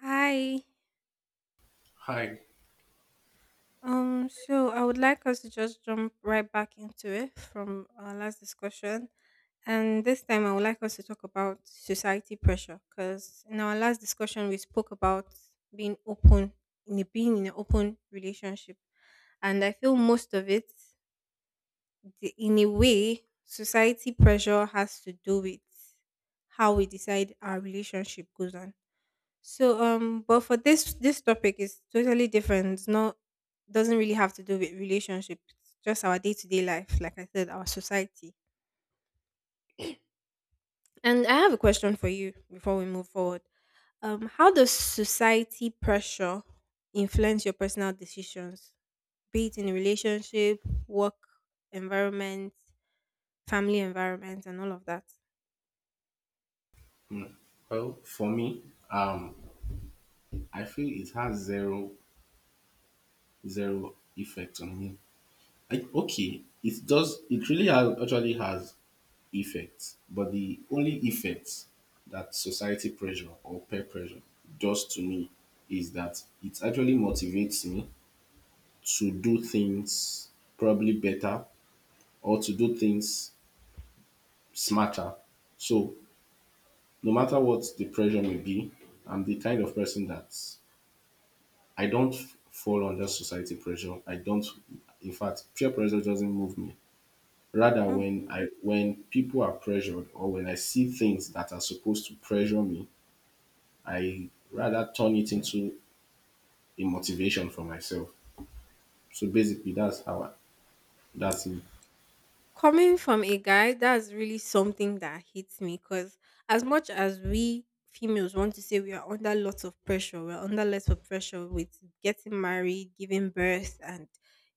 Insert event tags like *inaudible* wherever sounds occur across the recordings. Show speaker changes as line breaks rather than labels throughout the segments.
Hi.
Hi.
So I would like us to just jump right back into it from our last discussion. And this time I would like us to talk about society pressure because in our last discussion we spoke about being open being in an open relationship. And I feel most of it, in a way society pressure has to do with how we decide our relationship goes on. So but for this topic is totally different. It's not. Doesn't really have to do with relationships, just our day-to-day life, like I said, our society. And I have a question for you before we move forward. How does society pressure influence your personal decisions, be it in a relationship, work environment, family environment and all of that?
Well, for me, um, I feel it has zero effect on me. I, okay, it does. It really has, actually has effects, but the only effect that society pressure or peer pressure does to me is that it actually motivates me to do things probably better or to do things smarter. So, no matter what the pressure may be, I'm the kind of person that I don't fall under society pressure. I don't. In fact, peer pressure doesn't move me. Rather,
Hmm,
when people are pressured or when I see things that are supposed to pressure me, I rather turn it into a motivation for myself. So basically, that's me.
coming from a guy, that's really something that hits me because as much as we females want to say we are under lots of pressure, we're under lots of pressure with getting married, giving birth, and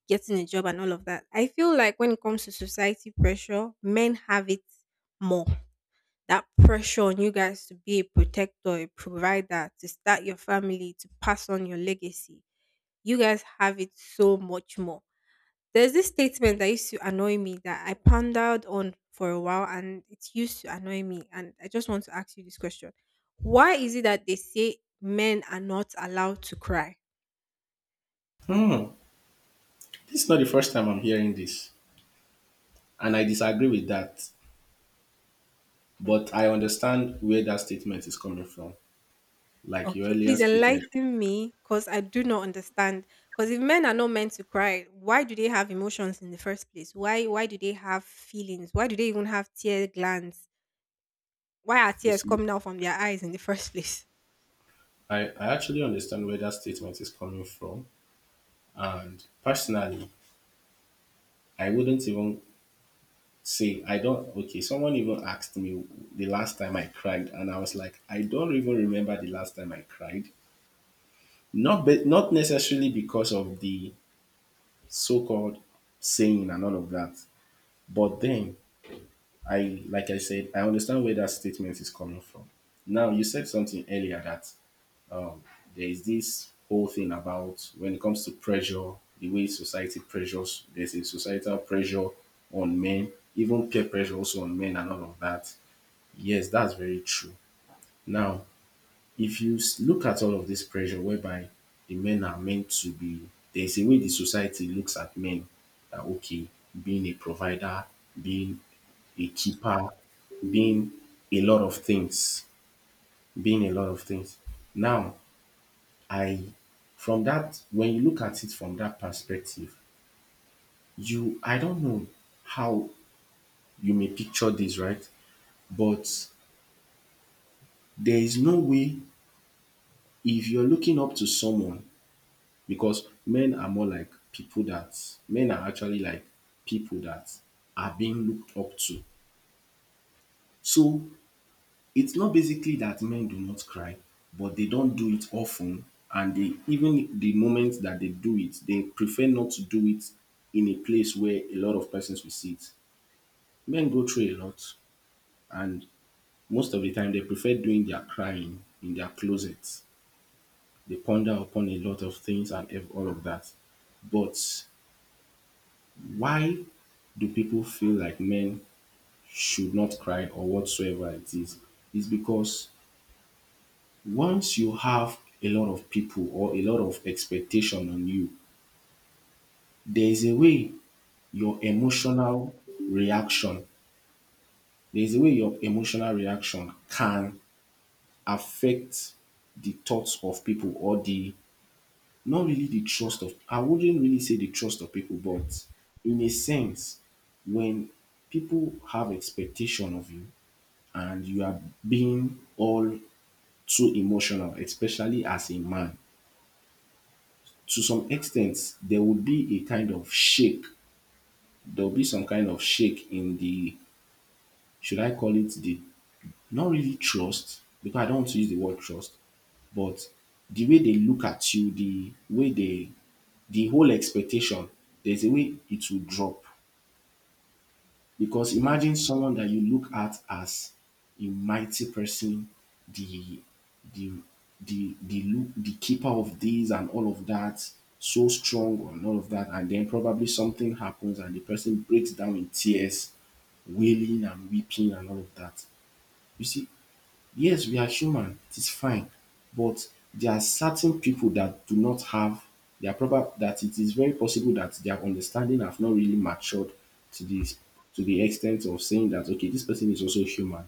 getting a job and all of that. I feel like when it comes to society pressure, men have it more. That pressure on you guys to be a protector, a provider, to start your family, to pass on your legacy. You guys have it so much more. There's this statement that used to annoy me that I pondered on for a while and it used to annoy me. And I just want to ask you this question. Why is it that they say men are not allowed to cry?
Hmm. This is not the first time I'm hearing this, and I disagree with that.
Hmm.
But I understand where that statement is coming from. Like you
Okay,
earlier
please
stated,
enlighten me because I do not understand. Because if men are not meant to cry, why do they have emotions in the first place? Why do they have feelings? Why do they even have tear glands? Why are
you
tears
see,
coming out from their eyes in the *laughs* first place?
I actually understand where that statement is coming from. And personally, I wouldn't even say I don't. Okay, someone even asked me the last time I cried, and I was like, I don't even remember the last time I cried. Not necessarily because of the so-called saying and all of that. But then I, like I said, I understand where that statement is coming from. Now you said something earlier that, Um, there's this whole thing: about when it comes to pressure, the way society pressures, there's a societal pressure on men, even peer pressure also on men and all of that. Yes, that's very true. Now, if you look at all of this pressure, whereby the men are meant to be, there's a way the society looks at men that, okay, being a provider, being a keeper, being a lot of things, being a lot of things. Now, I, from that, when you look at it from that perspective, you, I don't know how you may picture this, right? But there is no way, if you're looking up to someone, because men are more like people that, men are actually like people that are being looked up to. So, it's not basically that men do not cry, but they don't do it often, and they, even the moment that they do it, they prefer not to do it in a place where a lot of persons will see it. Men go through a lot, and most of the time they prefer doing their crying in their closets. They ponder upon a lot of things and all of that. But why do people feel like men should not cry or whatsoever it is? Is because once you have a lot of people or a lot of expectation on you, there is a way your emotional reaction, there is a way your emotional reaction can affect the thoughts of people, or the, not really the trust of, I wouldn't really say the trust of people, but in a sense, when people have expectation of you and you are being all too emotional, especially as a man, to some extent, there would be a kind of shake. There will be some kind of shake in the, should I call it the, not really trust, because I don't want to use the word trust, but the way they look at you, the way they, the whole expectation, there's a way it will drop. Because
Hmm,
imagine someone that you look at as a mighty person, the the the look, the keeper of this and all of that, so strong and all of that, and then probably something happens and the person breaks down in tears, wailing and weeping and all of that. You see, yes, we are human. It is fine. But there are certain people that do not have their proper. That it is very possible that their understanding have not really matured to this, to the extent of saying that, okay, this person is also human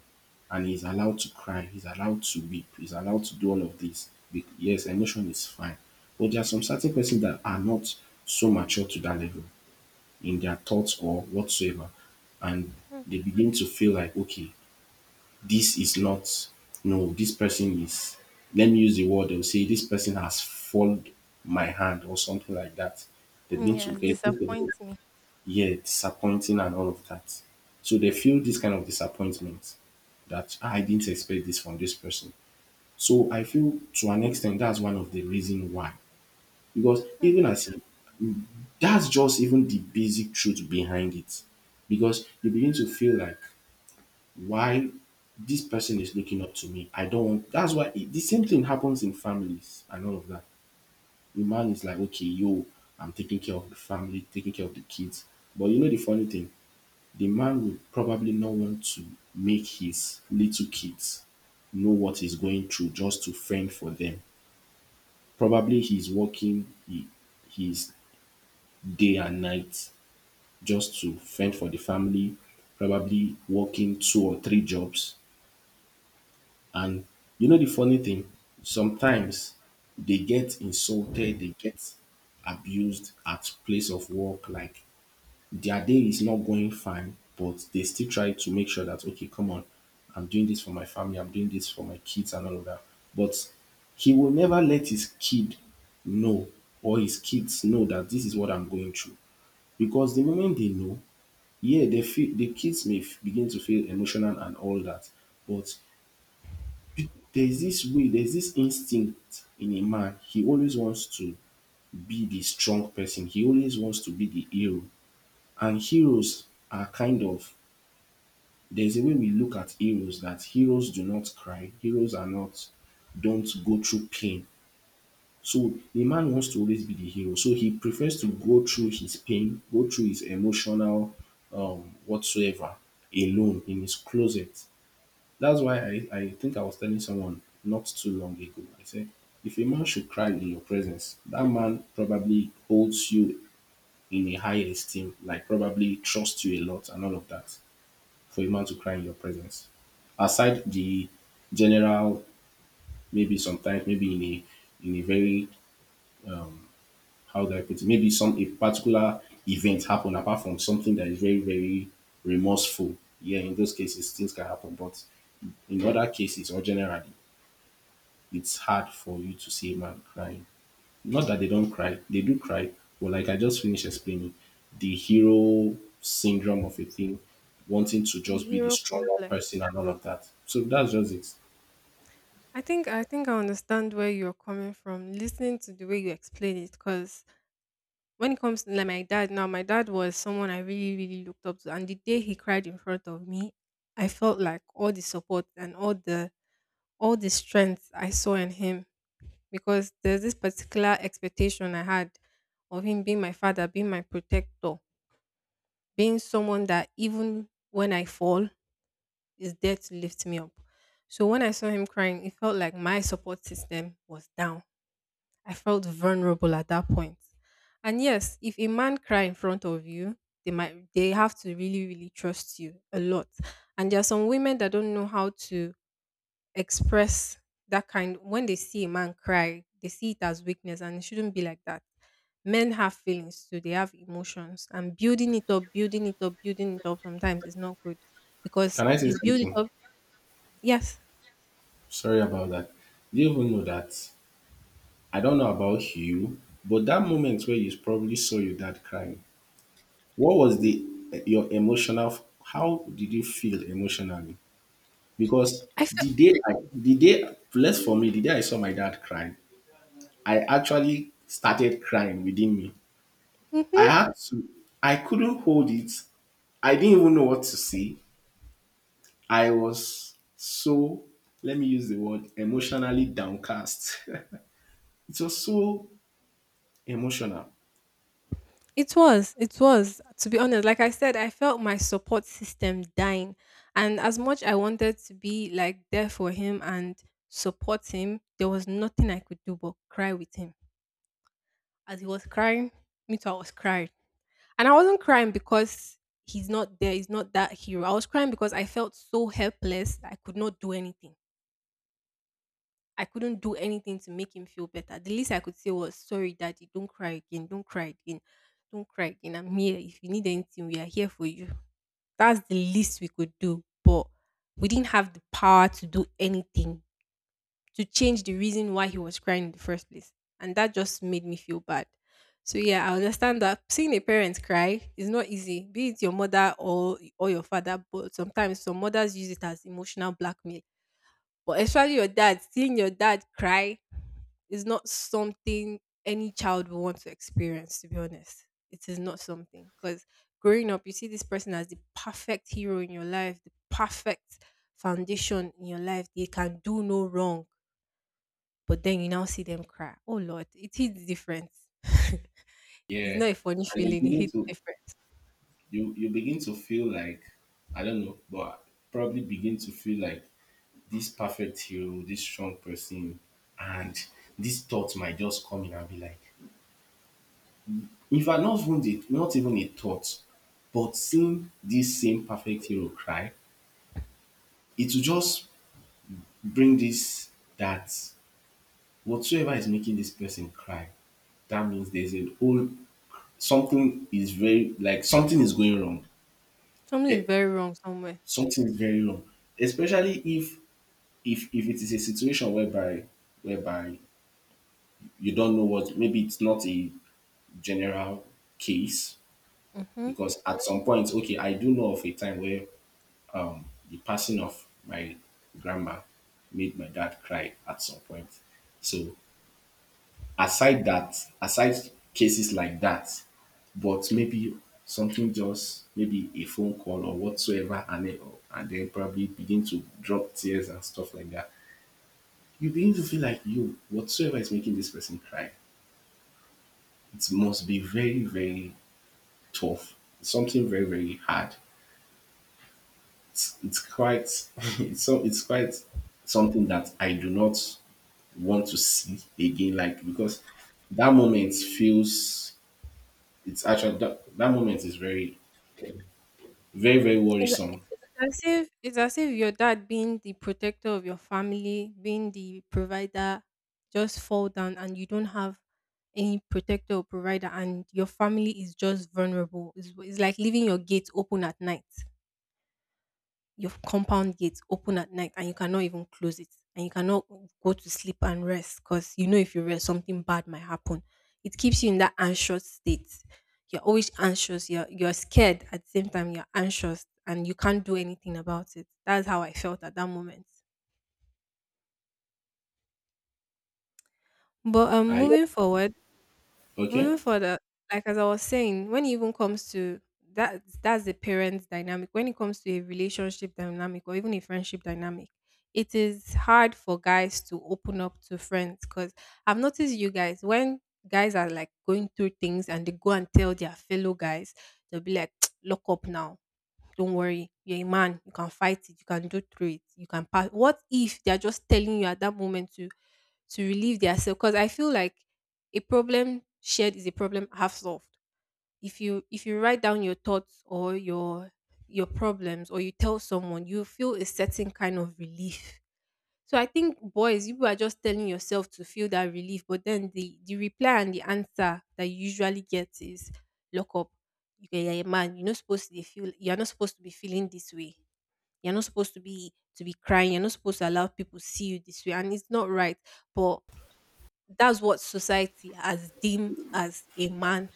and he's allowed to cry, he's allowed to weep, he's allowed to do all of this. Yes, emotion is fine. But there are some certain persons that are not so mature to that level in their thoughts or whatsoever. And they begin to feel like, okay, this is not, no, this person is, let me use the word, they'll say, this person has followed my hand or something like that. They've been to, they've been to,
to me.
yeah, disappointing and all of that. So they feel this kind of disappointment that, "Ah, I didn't expect this from this person." So I feel, to an extent, that's one of the reason why. Because even as, that's just even the basic truth behind it. Because you begin to feel like, why this person is looking up to me. I don't want, that's why it, the same thing happens in families and all of that. The man is like, okay, yo, I'm taking care of the family, taking care of the kids. But you know the funny thing, the man would probably not want to make his little kids know what he's going through just to fend for them. Probably he's working he, his day and night just to fend for the family, probably working two or three jobs. And you know the funny thing? Sometimes they get insulted, they get abused at place of work, like their day is not going fine, but they still try to make sure that, okay, come on, I'm doing this for my family, I'm doing this for my kids and all of that. But he will never let his kid know, or his kids know, that this is what I'm going through. Because the moment they know, yeah, they feel the kids may begin to feel emotional and all that, but there's this way, there's this instinct in a man. He always wants to be the strong person. He always wants to be the hero. And heroes are kind of, there's a way we look at heroes that heroes do not cry. Heroes are not, don't go through pain. So the man wants to always be the hero. So he prefers to go through his pain, go through his emotional whatsoever alone in his closet. That's why I think I was telling someone not too long ago. I said, if a man should cry in your presence, that man probably holds you in a high esteem, like probably trusts you a lot and all of that, for a man to cry in your presence. Aside the general, maybe sometimes, maybe in a very, how do I put it, maybe some a particular event happen, apart from something that is very, very remorseful. Yeah, in those cases things can happen. But in other cases or generally, it's hard for you to see a man crying. Not that they don't cry, they do cry, but like I just finished explaining, the hero syndrome of a thing, wanting to
The
just be the
hero
stronger
complex.
person and all of that. So that's just it.
I think I understand where you're coming from. Listening to the way you explain it, because when it comes to like my dad, now my dad was someone I really really looked up to, and the day he cried in front of me, I felt like all the support and all the strength I saw in him, because there's this particular expectation I had of him being my father, being my protector, being someone that even when I fall is there to lift me up. So when I saw him crying, it felt like my support system was down. I felt vulnerable at that point. And yes, if a man cry in front of you, they have to really really trust you a lot. And there are some women that don't know how to express that kind when they see a man cry, they see it as weakness and it shouldn't be like that. Men have feelings too, they have emotions and building it up, building it up, building it up sometimes is not good because
Can I say
you build it
something?
up. Yes.
Sorry about that. Do you even know that, I don't know about you, but that moment where you probably saw your dad crying, what was the, your emotional, how did you feel emotionally? Because
I felt.
the day, less, for me, the day I saw my dad cry, I actually started crying within me. I
Mhm.
had to, I couldn't hold it. I didn't even know what to say. I was so, let me use the word, emotionally downcast. *laughs* It was so emotional.
It was. To be honest, like I said, I felt my support system dying. And as much I wanted to be like there for him and support him, there was nothing I could do but cry with him. As he was crying, me too, I was crying. And I wasn't crying because he's not there, he's not that hero. I was crying because I felt so helpless. I could not do anything. I couldn't do anything to make him feel better. The least I could say was, sorry, daddy, don't cry again, don't cry again, don't cry again. I'm here. If you need anything, we are here for you. That's the least we could do. But we didn't have the power to do anything to change the reason why he was crying in the first place. And that just made me feel bad. So yeah, I understand that seeing a parent cry is not easy, be it your mother or your father, but sometimes some mothers use it as emotional blackmail. But especially your dad, seeing your dad cry is not something any child will want to experience, to be honest. It is not something because growing up, you see this person as the perfect hero in your life, the perfect foundation in your life. They can do no wrong, but then you now see them cry. Oh Lord, it hits different. *laughs* It's
Yeah.
not a funny
And you
feeling, it
begin
hits
to,
different.
you begin to feel like, I don't know, but probably begin to feel like this perfect hero, this strong person, and this thought might just come in and be like, in fact, not even the, not even a thought, but seeing this same perfect hero cry, it will just bring this, that, whatsoever is making this person cry, that means there's a whole, something is very, like something is going wrong.
Something is
Eh,
very wrong somewhere.
something is very wrong. Especially if, if it is a situation whereby, whereby, you don't know what, maybe it's not a general case.
Mm-hmm.
Because at some point, okay, I do know of a time where the passing of my grandma made my dad cry at some point. So aside that, aside cases like that, but maybe something, just maybe a phone call or whatsoever, and then probably begin to drop tears and stuff like that. You begin to feel like you, whatsoever is making this person cry, it must be very very tough, something very very hard. It's quite *laughs* it's, so it's quite something that I do not want to see again, like, because that moment feels, it's actually that, that moment is very very very
It's,
worrisome.
it's as if your dad being the protector of your family, being the provider, just fall down and you don't have any protector or provider and your family is just vulnerable. It's like leaving your gate open at night, your compound gate open at night, and you cannot even close it and you cannot go to sleep and rest because you know if you rest something bad might happen. It keeps you in that anxious state. You're always anxious. You're scared at the same time. You're anxious and you can't do anything about it. That's how I felt at that moment. But
I,
moving forward
okay.
Moving further, like as I was saying, when it even comes to that, that's the parents' dynamic. When it comes to a relationship dynamic or even a friendship dynamic, it is hard for guys to open up to friends because I've noticed you guys when guys are like going through things and they go and tell their fellow guys, they'll be like, *tsk* "Lock up now." Don't worry, you're a man, you can fight it, you can do through it, you can pass. What if they're just telling you at that moment to relieve themselves? Because I feel like a problem shared is a problem half solved. If you write down your thoughts or your problems or you tell someone, you feel a certain kind of relief. So I think boys, you are just telling yourself to feel that relief, but then the reply and the answer that you usually get is lock up. You are a man. You're not supposed to be feel. You're not supposed to be feeling this way. You're not supposed to be crying. You're not supposed to allow people to see you this way, and it's not right. But that's what society has deemed as a man.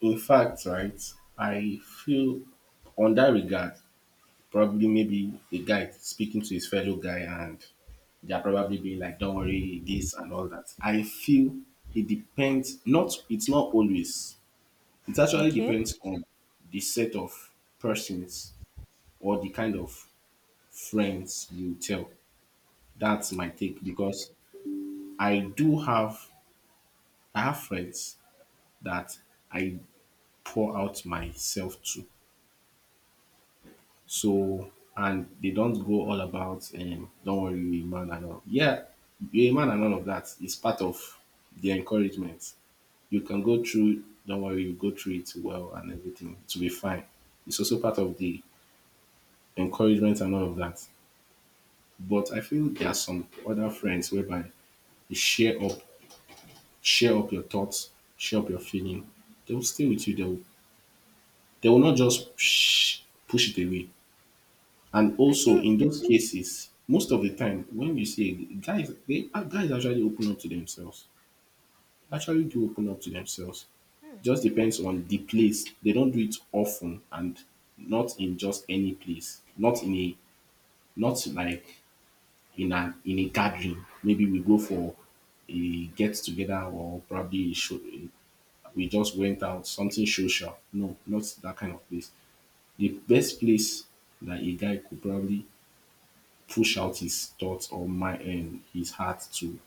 In fact, right, I feel on that regard, probably maybe a guy speaking to his fellow guy and they're probably being like, don't worry, this and all that. I feel it depends not it's not always. It actually
Okay,
depends on the set of persons or the kind of friends you tell. That's my take because I do have I have friends that I pour out myself to. So and they don't go all about don't worry, you're a man and all. Yeah, you're a man and all of that is part of the encouragement. You can go through, don't worry, you go through it well and everything. It will be fine. It's also part of the encouragement and all of that. But I feel there are some other friends whereby they share up your thoughts, share up your feeling. They will stay with you. They will not just push it away. And
I
also
think.
in those cases, most of the time when you see it, guys, they guys actually open up to themselves. Actually, do open up to themselves.
hmm,
Just depends on the place. They don't do it often and not in just any place. Not like in an in a gathering. Maybe we go for a get together or probably a show, a we just went out, something social. No, not that kind of place. The best place that a guy could probably push out his thoughts or my and his heart to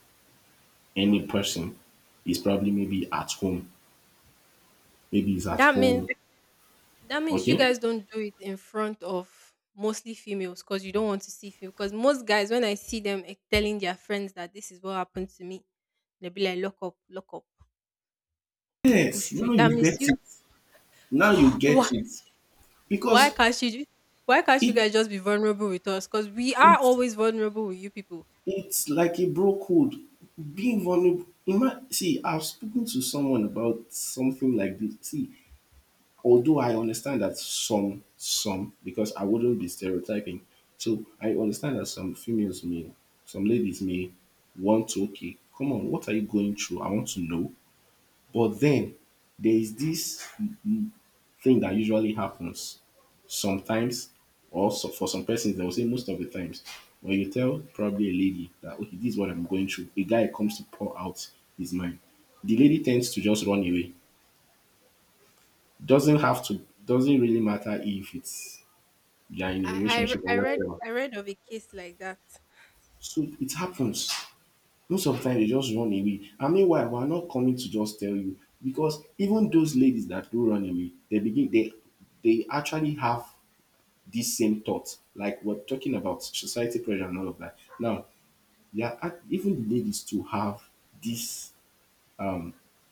any person is probably maybe at home. Maybe he's at
that means
home.
That means you
Okay.
guys don't do it in front of mostly females because you don't want to see female. Because most guys, when I see them telling their friends that this is what happened to me, they'll be like, "Lock up, lock up. You
Yes.
push through
Now
it." That
you
means
get
you.
it. Now you
*laughs* Why?
get it.
Why
Because
can't you? Why can't you
it
guys just be vulnerable with us? Because we are
it's
always vulnerable with you people.
it's like a bro code. Being vulnerable. See, I've spoken to someone about something like this. See, although I understand that some because I wouldn't be stereotyping. So I understand that some females may, some ladies may want to, okay, come on, what are you going through? I want to know. But then there is this thing that usually happens sometimes, or so, for some persons they will say most of the times, when you tell probably a lady that, okay, this is what I'm going through, a guy comes to pour out his mind. The lady tends to just run away. Doesn't have to. Doesn't really matter if it's they are in a
I I,
relationship
re-
or
I read
whatever.
I read of a case like that.
So it happens. Most of the time, they just run away. And meanwhile, we're not coming to just tell you because even those ladies that do run away, they begin they actually have these same thoughts. Like we're talking about society pressure and all of that. Now, even the ladies to have this,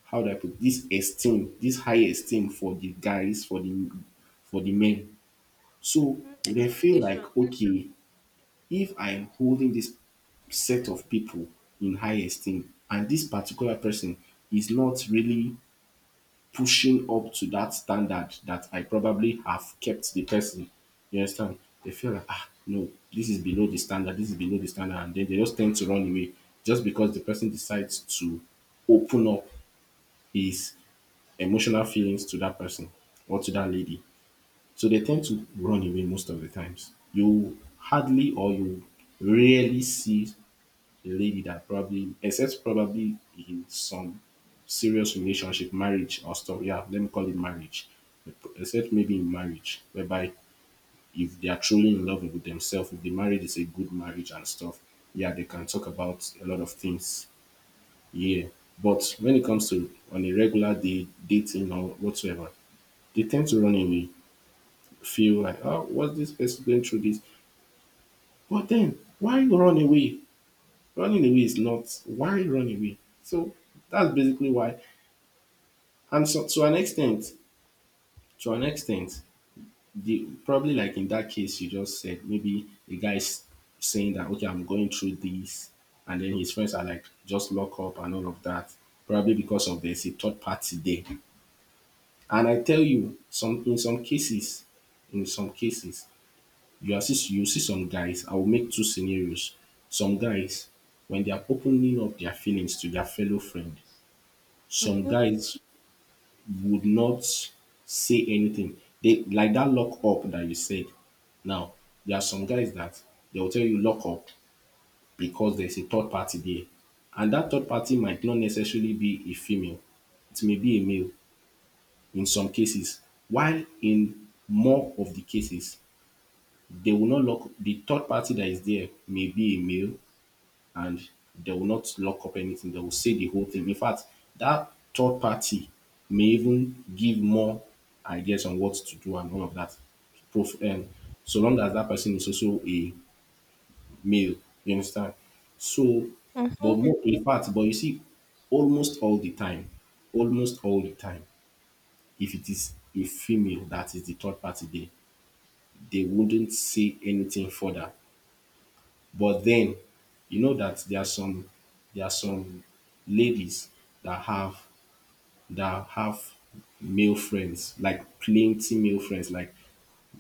how do I put this, esteem, this high esteem for the guys, for the men. So
Mm-hmm.
they feel
Expectations.
like, okay, if I'm holding this set of people in high esteem and this particular person is not really pushing up to that standard that I probably have kept the person, you understand? They feel like, ah, no, this is below the standard, this is below the standard, and then they just tend to run away just because the person decides to open up his emotional feelings to that person or to that lady. So they tend to run away most of the times. You hardly or you rarely see a lady that probably, except probably in some serious relationship, marriage or stuff. Yeah, let me call it marriage. Except maybe in marriage, whereby if they are truly in love with themselves, if the marriage is a good marriage and stuff, yeah, they can talk about a lot of things. Yeah. But when it comes to on a regular day dating or whatsoever, they tend to run away. Feel like, oh, what's this person going through this? But then, why you run away? Running away is not why run away? So that's basically why. And so to an extent, the probably like in that case you just said, maybe the guy's saying that, okay, I'm going through this, and then his friends are like, just lock up and all of that. Probably because of there's a third party there. And I tell you, some in some cases, you see some guys, I will make two scenarios. Some guys, when they are opening up their feelings to their fellow friend, some
Mm-hmm.
guys would not say anything. They like that lock up that you said. Now, there are some guys that they will tell you lock up because there's a third party there. And that third party might not necessarily be a female. It may be a male in some cases. While in more of the cases, they will not lock, the third party that is there may be a male and they will not lock up anything. They will say the whole thing. In fact, that third party may even give more ideas on what to do and all of that. And so long as that person is also a male, you understand? So,
Mm-hmm.
but more, in fact, but you see, almost all the time, almost all the time, if it is a female that is the third party, they wouldn't say anything further. But then you know that there are some ladies that have that have male friends, like plenty male friends. Like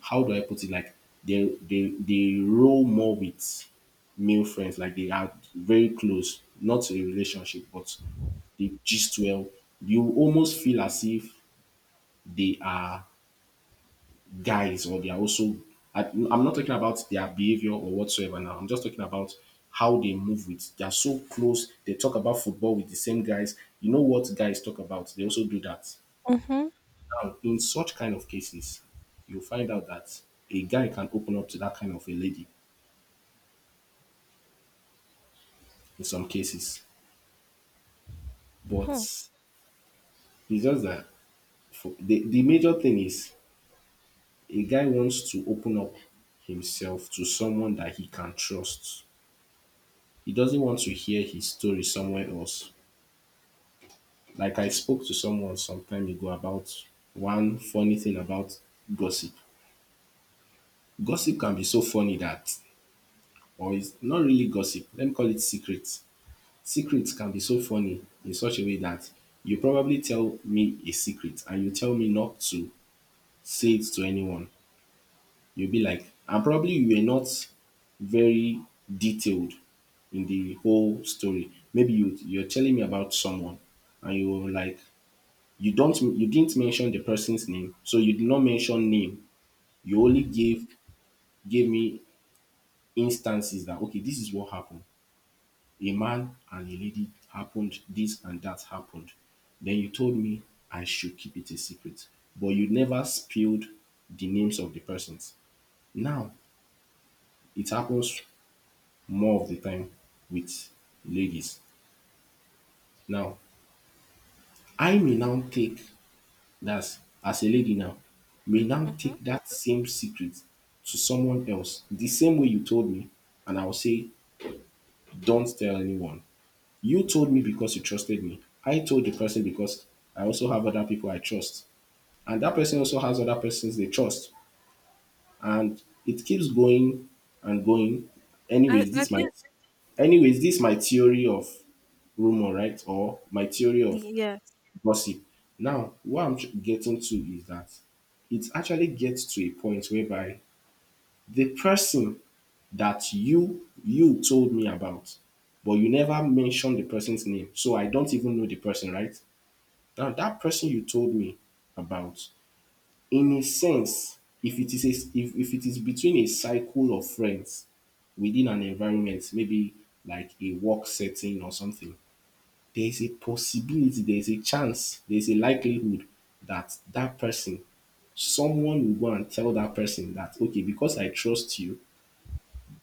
how do I put it? Like they roll more with male friends. Like they are very close, not a relationship, but they gist well. You almost feel as if they are guys or they are also, I, I'm not talking about their behavior or whatsoever now, I'm just talking about how they move with, they are so close, they talk about football with the same guys, you know what guys talk about, they also do that.
Mm-hmm.
Now in such kind of cases you'll find out that a guy can open up to that kind of a lady in some cases, but it's just that for, the major thing is a guy wants to open up himself to someone that he can trust. He doesn't want to hear his story somewhere else. Like I spoke to someone some time ago about one funny thing about gossip. Gossip can be so funny that, or it's not really gossip, let me call it secrets. Secrets can be so funny in such a way that you probably tell me a secret and you tell me not to say it to anyone. You'll be like, and probably you were not very detailed in the whole story. Maybe you're telling me about someone and you were like, you didn't mention the person's name, so you did not mention name, you only gave me instances that, okay, this is what happened, a man and a lady, happened this and that happened, then you told me I should keep it a secret, but you never spilled the names of the persons. Now it happens more of the time with ladies. Now I may now take that's as a lady now, may now
Mm-hmm.
take that same secret to someone else the same way you told me, and I'll say, don't tell anyone. You told me because you trusted me. I told the person because I also have other people I trust. And that person also has other persons they trust. And it keeps going and going.
I
Anyways,
I
this is my,
think.
anyways, this is my theory of rumor, right? Or my theory of
Yes.
gossip. Now, what I'm getting to is that it actually gets to a point whereby the person that you told me about, but you never mentioned the person's name, so I don't even know the person, right? Now that person you told me about, in a sense, if it is a, if it is between a cycle of friends within an environment, maybe like a work setting or something, there's a possibility, there's a chance, there's a likelihood that that person, someone will go and tell that person that, okay, because I trust you,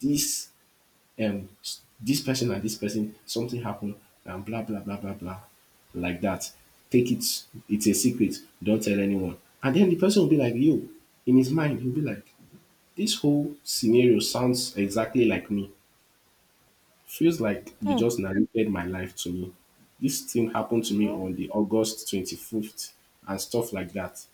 this um this person and this person, something happened, and blah blah blah blah blah, like that. Take it, it's a secret. Don't tell anyone. And then the person will be like, yo, in his mind, he'll be like, this whole scenario sounds exactly like me. Feels like you just narrated my life to me. This thing happened to me
Mm-hmm.
on the August 25th and stuff like that.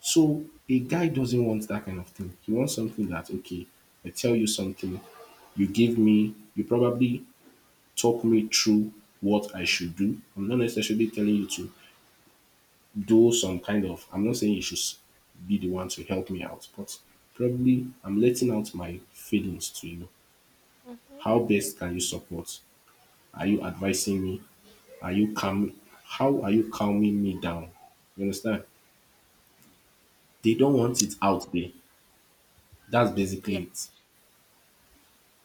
So a guy doesn't want that kind of thing. He wants something that, okay, I tell you something, you give me, you probably talk me through what I should do. I'm not necessarily telling you to do some kind of, I'm not saying you should be the one to help me out, but probably I'm letting out my feelings to you.
Mm-hmm.
How best can you support? Are you advising me? Are you calm? How are you calming me down? You understand? They don't want it out there. That's basically
Yes.
it.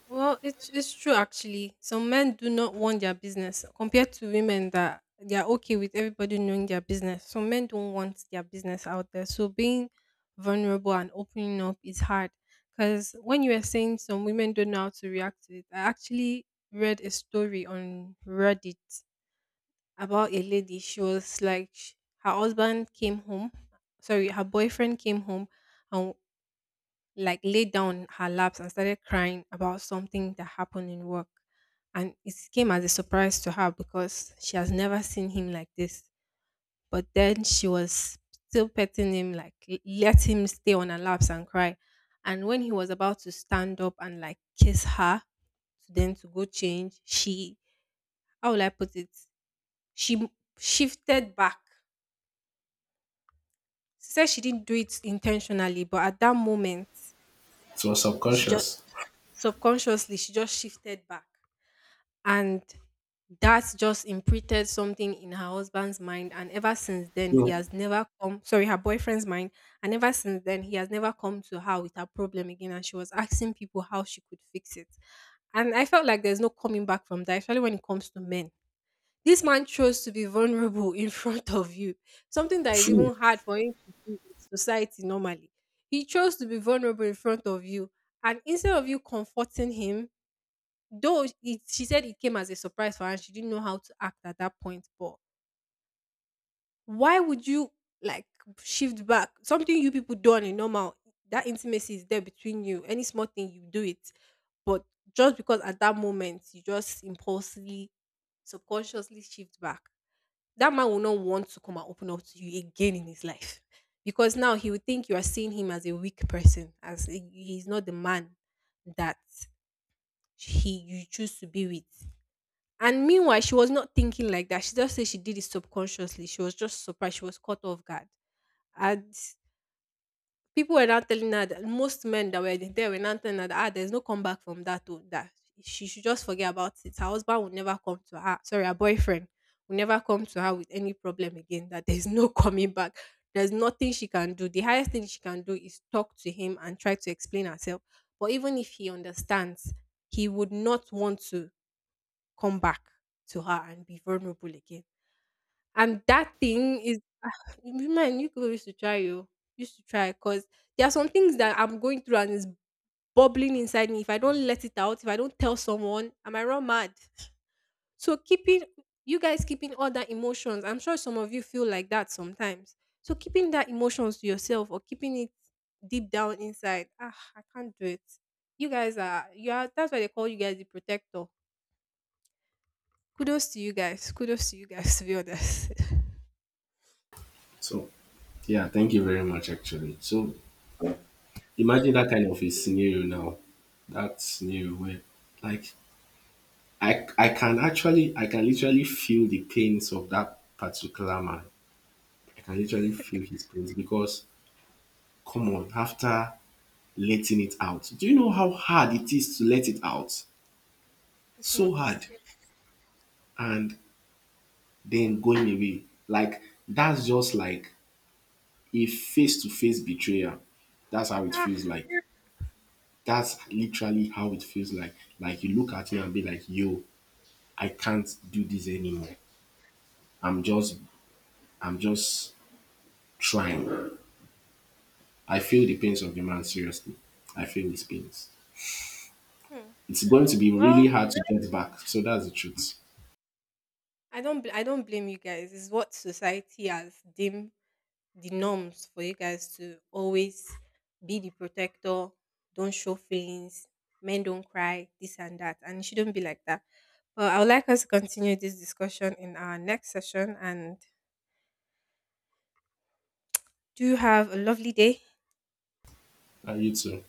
Well, it's true actually. Some men do not want their business compared to women that they are okay with everybody knowing their business. Some men don't want their business out there. So being vulnerable and opening up is hard. Because when you were saying some women don't know how to react to it, I actually read a story on Reddit about a lady. She was like, her husband came home, sorry, her boyfriend came home, and like laid down in her laps and started crying about something that happened in work. And it came as a surprise to her because she has never seen him like this. But then she was still petting him, like let him stay on her laps and cry. And when he was about to stand up and like kiss her, then to go change, she, how will I put it? She shifted back. She said she didn't do it intentionally, but at that moment,
It was
she just
subconscious.
subconsciously she just shifted back. And that just imprinted something in her husband's mind. And ever since then, he
So
has never come, sorry, her boyfriend's mind. And ever since then, he has never come to her with her problem again. And she was asking people how she could fix it. And I felt like there's no coming back from that, especially when it comes to men. This man chose to be vulnerable *laughs* in front of you, something that is
true.
even hard for him to do in society normally. He chose to be vulnerable in front of you. And instead of you comforting him, though it she said it came as a surprise for her and she didn't know how to act at that point, but why would you like shift back? Something you people do on a normal, that intimacy is there between you. Any small thing you do it. But just because at that moment you just impulsively, subconsciously shift back, that man will not want to come and open up to you again in his life. Because now he will think you are seeing him as a weak person, as a, he's not the man that he you choose to be with. And meanwhile, she was not thinking like that. She just said she did it subconsciously. She was just surprised. She was caught off guard. And people were now telling her that most men that were there were now telling her that there's no comeback from that to that. She should just forget about it. Her husband will never come to her. Sorry, her boyfriend will never come to her with any problem again. That there's no *laughs* coming back. There's nothing she can do. The highest thing she can do is talk to him and try to explain herself. But even if he understands, he would not want to come back to her and be vulnerable again. And that thing is, man, you could used to try, you used to try, because there are some things that I'm going through and it's bubbling inside me. If I don't let it out, if I don't tell someone, I might run mad. So keeping you guys keeping all that emotions, I'm sure some of you feel like that sometimes. So keeping that emotions to yourself or keeping it deep down inside, I can't do it. You guys are, you are, that's why they call you guys the protector. Kudos to you guys. Kudos to you guys. To be honest,
So yeah, thank you very much actually. So imagine that kind of a scenario now. That scenario where like I can actually, I can literally feel the pains of that particular man. I can literally feel his pains because come on, after letting it out. Do you know how hard it is to let it out?
*laughs* it's not
So
easy.
hard. And then going away. Like that's just like a face to face betrayal. That's how it feels
Ah.
like. That's literally how it feels like. Like you look at me and be like, yo, I can't do this anymore. I'm just I'm just trying. I feel the pains of the man seriously. I feel his pains.
Hmm.
It's going to be
Well,
really hard to get back. So that's the truth.
I don't. I don't blame you guys. It's what society has deemed the norms for you guys to always be the protector. Don't show feelings. Men don't cry. This and that, and it shouldn't be like that. But I would like us to continue this discussion in our next session. And do have a lovely day.
And you too.